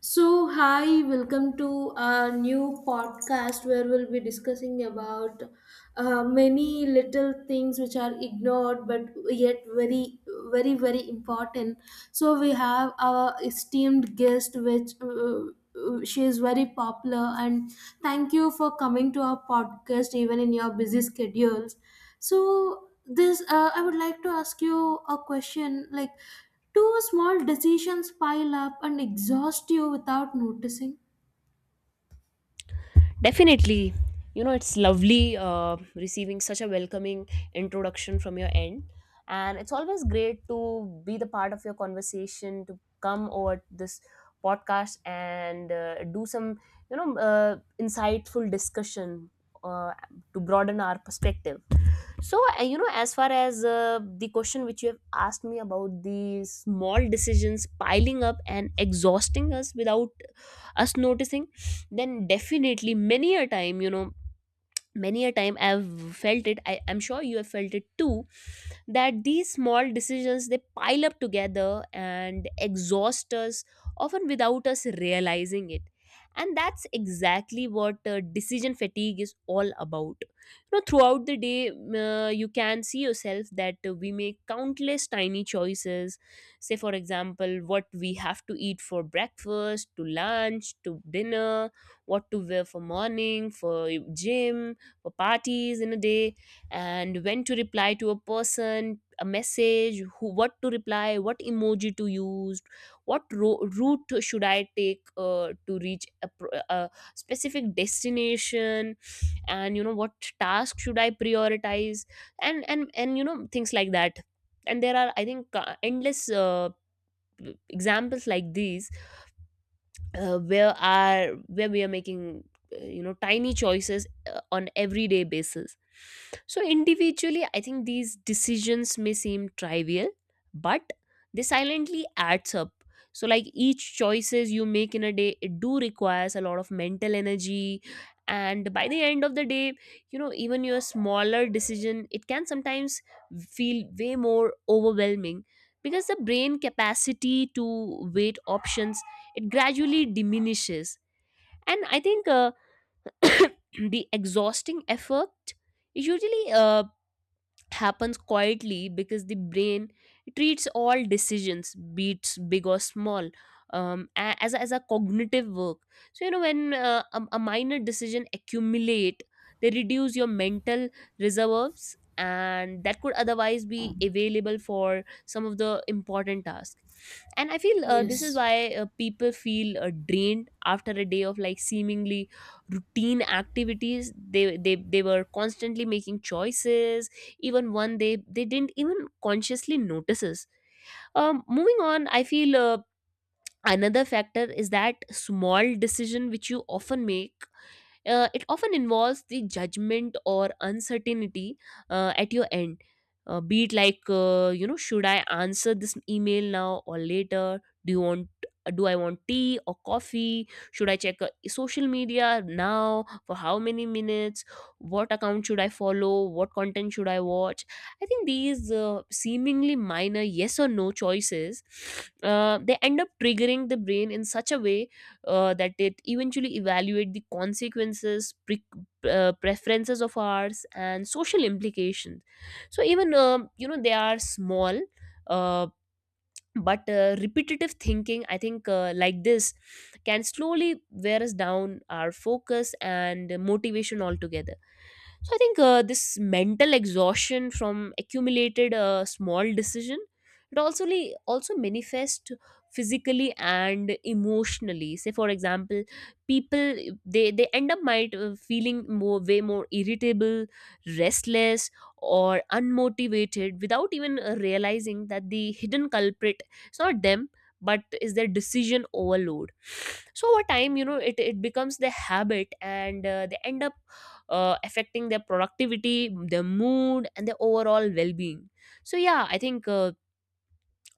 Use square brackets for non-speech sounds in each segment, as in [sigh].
So, hi, welcome to a new podcast where we'll be discussing about many little things which are ignored but yet very, very important. So, we have our esteemed guest, which she is very popular, and thank you for coming to our podcast even in your busy schedules. So I would like to ask you a question. Like, do small decisions pile up and exhaust you without noticing? Definitely. You know, it's lovely receiving such a welcoming introduction from your end. And it's always great to be the part of your conversation, to come over this podcast and do some, insightful discussion uh, to broaden our perspective. So as far as the question which you have asked me about the small decisions piling up and exhausting us without us noticing, then definitely many a time, many a time I've felt it. I'm sure you have felt it too, that these small decisions they pile up together and exhaust us often without us realizing it. And that's exactly what decision fatigue is all about. You know, throughout the day you can see yourself that we make countless tiny choices. Say for example, what we have to eat for breakfast to lunch to dinner, what to wear for morning, for gym, for parties in a day, and when to reply to a person a message, who, what to reply, what emoji to use, route should I take to reach a specific destination, and you know what task should I prioritize, and you know things like that. And there are, I think, endless examples like these, where we are making you know tiny choices on everyday basis. So individually I think these decisions may seem trivial, but they silently adds up. So like each choices you make in a day, it do requires a lot of mental energy. And by the end of the day, you know, even your smaller decision it can sometimes feel way more overwhelming, because the brain capacity to weight options it gradually diminishes. And I think [coughs] the exhausting effort usually happens quietly, because the brain treats all decisions beats big or small as a cognitive work. So you know when a minor decision accumulate, they reduce your mental reserves, and that could otherwise be available for some of the important tasks. And I feel this is Yes, why people feel drained after a day of like seemingly routine activities. They they were constantly making choices, even one they didn't even consciously notices. Moving on, I feel another factor is that small decision which you often make, it often involves the judgment or uncertainty at your end. Be it like, you know, should I answer this email now or later? Do you want? Do I want tea or coffee? Should I check social media now for how many minutes? What account should I follow? What content should I watch? I think these seemingly minor yes or no choices, they end up triggering the brain in such a way that it eventually evaluate the consequences preferences of ours and social implications. So even you know they are small, uh, but repetitive thinking I think like this can slowly wear us down our focus and motivation altogether. So I think this mental exhaustion from accumulated small decision, also manifest physically and emotionally. Say for example, people they end up might feeling more way more irritable, restless, or unmotivated without even realizing that the hidden culprit is not them but is their decision overload. So over time, you know, it becomes the habit, and they end up affecting their productivity, their mood, and their overall well being. So, yeah, I think uh,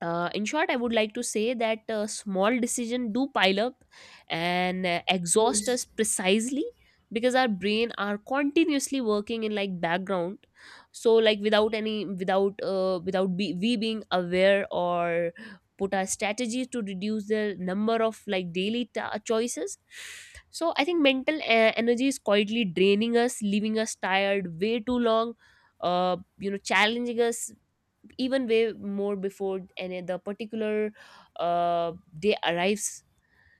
uh, in short, I would like to say that small decision do pile up and exhaust yes, us precisely because our brain are continuously working in like background. So like without any without without be, we being aware or put our strategies to reduce the number of like choices. So I think mental energy is quietly draining us, leaving us tired way too long. You know, challenging us even way more before and the particular uh, day arrives.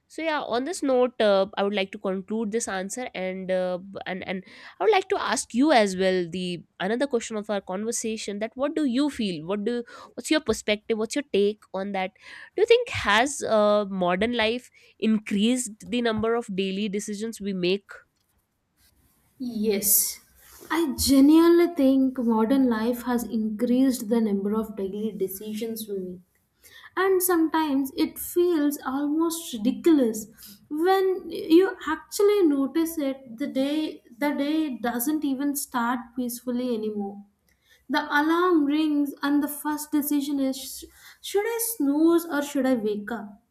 So yeah, on this note I would like to conclude this answer, and and I would like to ask you as well the another question of our conversation, that what do you feel, what's your perspective, what's your take on that? Do you think has modern life increased the number of daily decisions we make? yes, I genuinely think modern life has increased the number of daily decisions we make. And sometimes it feels almost ridiculous when you actually notice it. The day doesn't even start peacefully anymore. The alarm rings, and the first decision is should I snooze or should I wake up?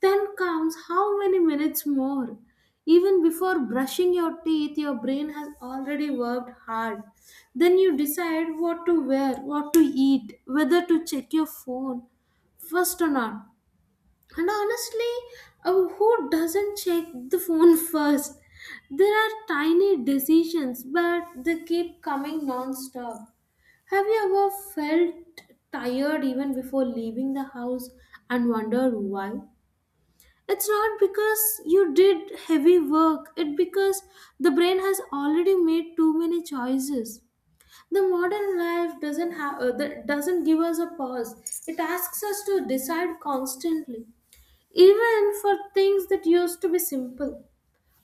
Then comes how many minutes more? Even before brushing your teeth, your brain has already worked hard. Then you decide what to wear, what to eat, whether to check your phone first or not. And honestly, who doesn't check the phone [laughs] first? There are tiny decisions, but they keep coming non stop. Have you ever felt tired even before leaving the house and wondered why? It's not because you did heavy work, it's because the brain has already made too many choices. The modern life doesn't have that doesn't give us a pause. It asks us to decide constantly, even for things that used to be simple.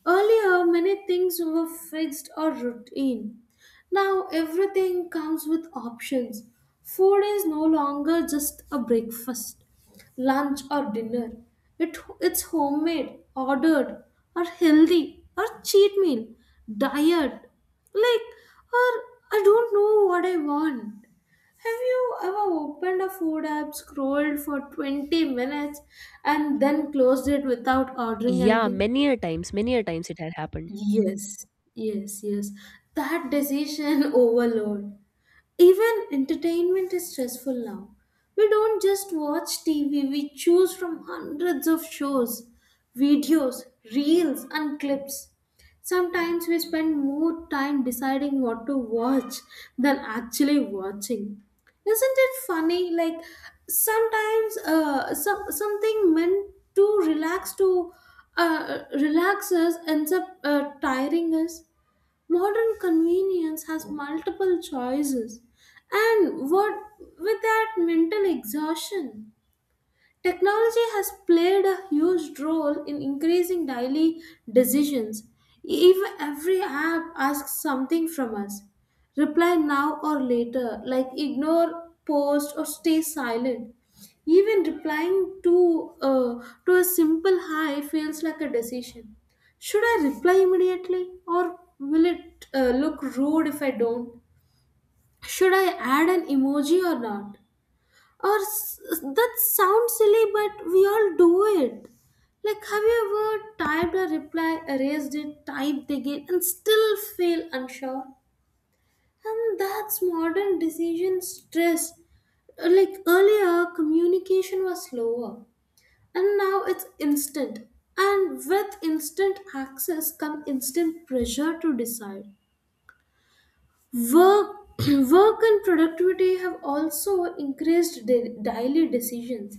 Earlier, many things were fixed or routine. Now, everything comes with options. Food is no longer just a breakfast, lunch, or dinner. It's homemade, ordered, or healthy, or cheat meal, diet. Like, or I don't know what I want. Have you ever opened a food app, scrolled for 20 minutes, and then closed it without ordering Yeah, anything? many a times, many a times it had happened. Yes, yes, yes. That decision [laughs] overload. Even entertainment is stressful now. We don't just watch TV, we choose from hundreds of shows, videos, reels, and clips. Sometimes we spend more time deciding what to watch than actually watching. Isn't it funny? Like sometimes something meant to relax us ends up tiring us. Modern convenience has multiple choices, and what with that mental exhaustion? Technology has played a huge role in increasing daily decisions. Even every app asks something from us. Reply now or later, like ignore, post, or stay silent. Even replying to a simple hi feels like a decision. Should I reply immediately or will it look rude if I don't? Should I add an emoji or not? That sounds silly, but we all do it. Like, have you ever typed a reply, erased it, typed again, and still feel unsure? And that's modern decision stress. Like earlier, communication was slower, and now it's instant. And with instant access come instant pressure to decide. Work, [clears throat] work and productivity have also increased daily decisions,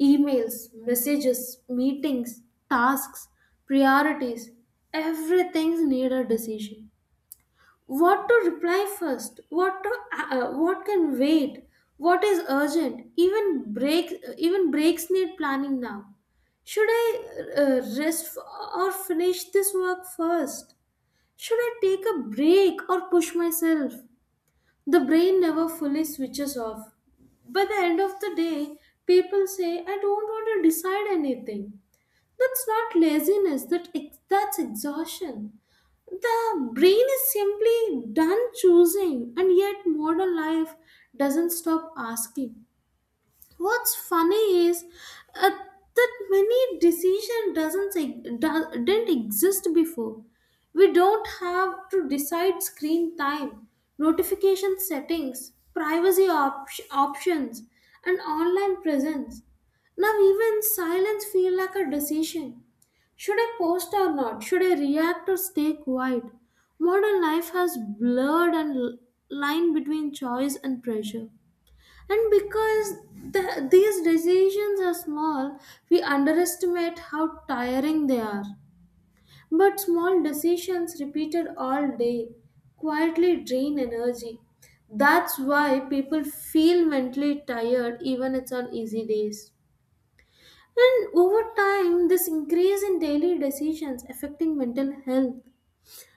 emails, messages, meetings, tasks, priorities. Everything needs a decision. What to reply first? What can wait? What is urgent? Even breaks need planning now. Should I rest or finish this work first? Should I take a break or push myself? The brain never fully switches off. By the end of the day, people say, I don't want to decide anything. That's not laziness, that's exhaustion. The brain is simply done choosing, and yet modern life doesn't stop asking. What's funny is that many decision doesn't e- do- didn't exist before. We don't have to decide screen time, notification settings, privacy options, and online presence. Now even silence feel like a decision. Should I post or not? Should I react or stay quiet? Modern life has blurred and line between choice and pressure. And because these decisions are small, we underestimate how tiring they are. But small decisions repeated all day quietly drain energy. That's why people feel mentally tired even it's on easy days. And over time, this increase in daily decisions affecting mental health.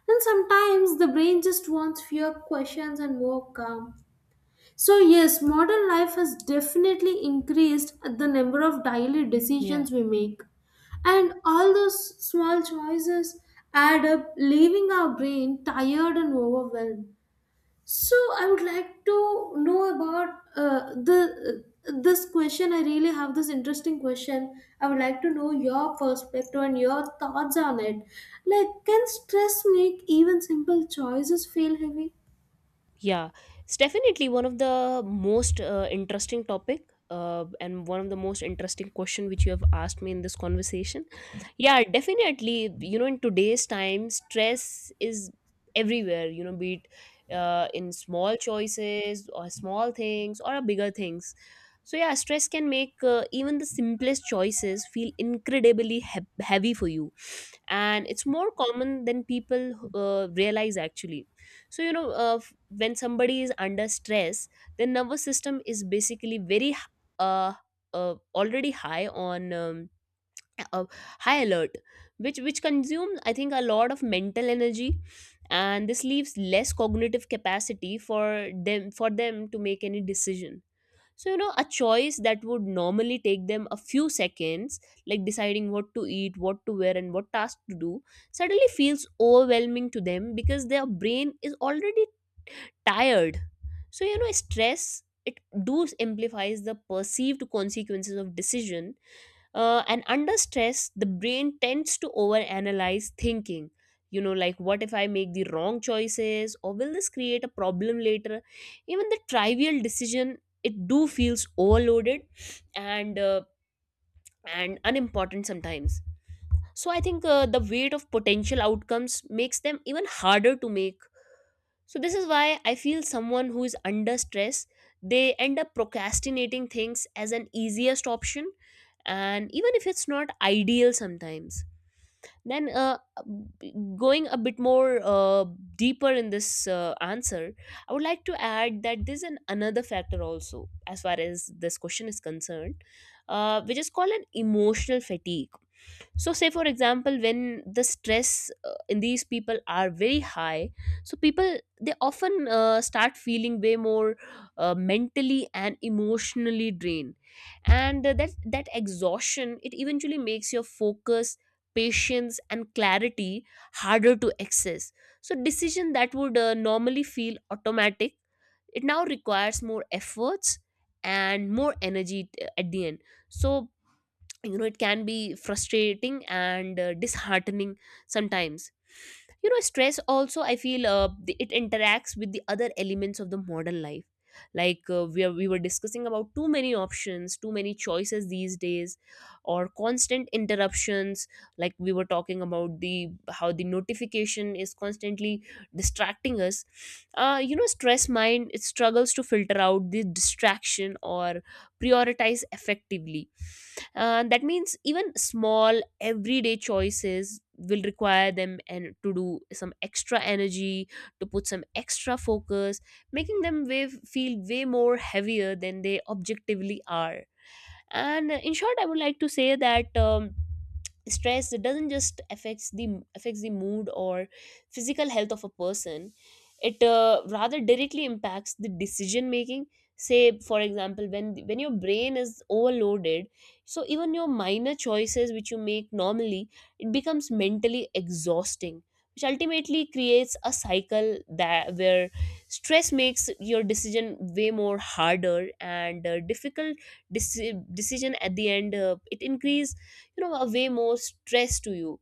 And sometimes the brain just wants fewer questions and more calm. So, yes, modern life has definitely increased the number of daily Yeah. decisions we make. And all those small choices add up, leaving our brain tired and overwhelmed. So, I would like to know about the this question. I really have this interesting question. I would like to know your perspective and your thoughts on it. Like, can stress make even simple choices feel heavy? Yeah, it's definitely one of the most interesting topic and one of the most interesting question which you have asked me in this conversation. Yeah, definitely. You know, in today's time, stress is everywhere. You know, be it in small choices or small things or bigger things. So yeah, stress can make even the simplest choices feel incredibly heavy for you, and it's more common than people realize actually. So you know when somebody is under stress, their nervous system is basically uh, already high on uh, high alert, which consumes I think a lot of mental energy, and this leaves less cognitive capacity for them to make any decision. So you know a choice that would normally take them a few seconds, like deciding what to eat, what to wear, and what task to do, suddenly feels overwhelming to them because their brain is already tired. So you know stress it do amplifies the perceived consequences of decision, and under stress the brain tends to overanalyze, thinking, you know, like what if I make the wrong choices, or will this create a problem later? Even the trivial decision it do feels overloaded and and unimportant sometimes. So I think the weight of potential outcomes makes them even harder to make. So this is why I feel someone who is under stress, they end up procrastinating things as an easiest option, and even if it's not ideal sometimes. Then going a bit more deeper in this answer, I would like to add that there's an another factor also as far as this question is concerned, which is called an emotional fatigue. So say for example, when the stress in these people are very high, so people they often start feeling way more mentally and emotionally drained, and that that exhaustion it eventually makes your focus, patience and clarity harder to access. So decision that would normally feel automatic, it now requires more efforts and more energy at the end. So you know it can be frustrating and disheartening sometimes. You know stress also I feel it interacts with the other elements of the modern life, like we were discussing about too many options, too many choices these days, or constant interruptions, like we were talking about the how the notification is constantly distracting us. You know stress mind it struggles to filter out the distraction or prioritize effectively. That means even small everyday choices will require them and to do some extra energy, to put some extra focus, making them way, feel way more heavier than they objectively are. And in short I would like to say that stress it doesn't just affects the mood or physical health of a person, it rather directly impacts the decision making. Say for example, when your brain is overloaded, so even your minor choices which you make normally, it becomes mentally exhausting, which ultimately creates a cycle that, where stress makes your decision way more harder and difficult. Decision at the end it increase you know a way more stress to you.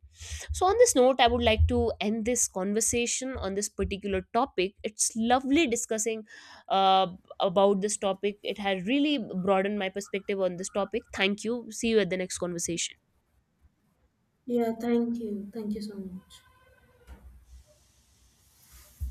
So on this note I would like to end this conversation on this particular topic. It's lovely discussing uh, about this topic. It has really broadened my perspective on this topic. Thank you, see you at the next conversation. Yeah, thank you. Thank you so much.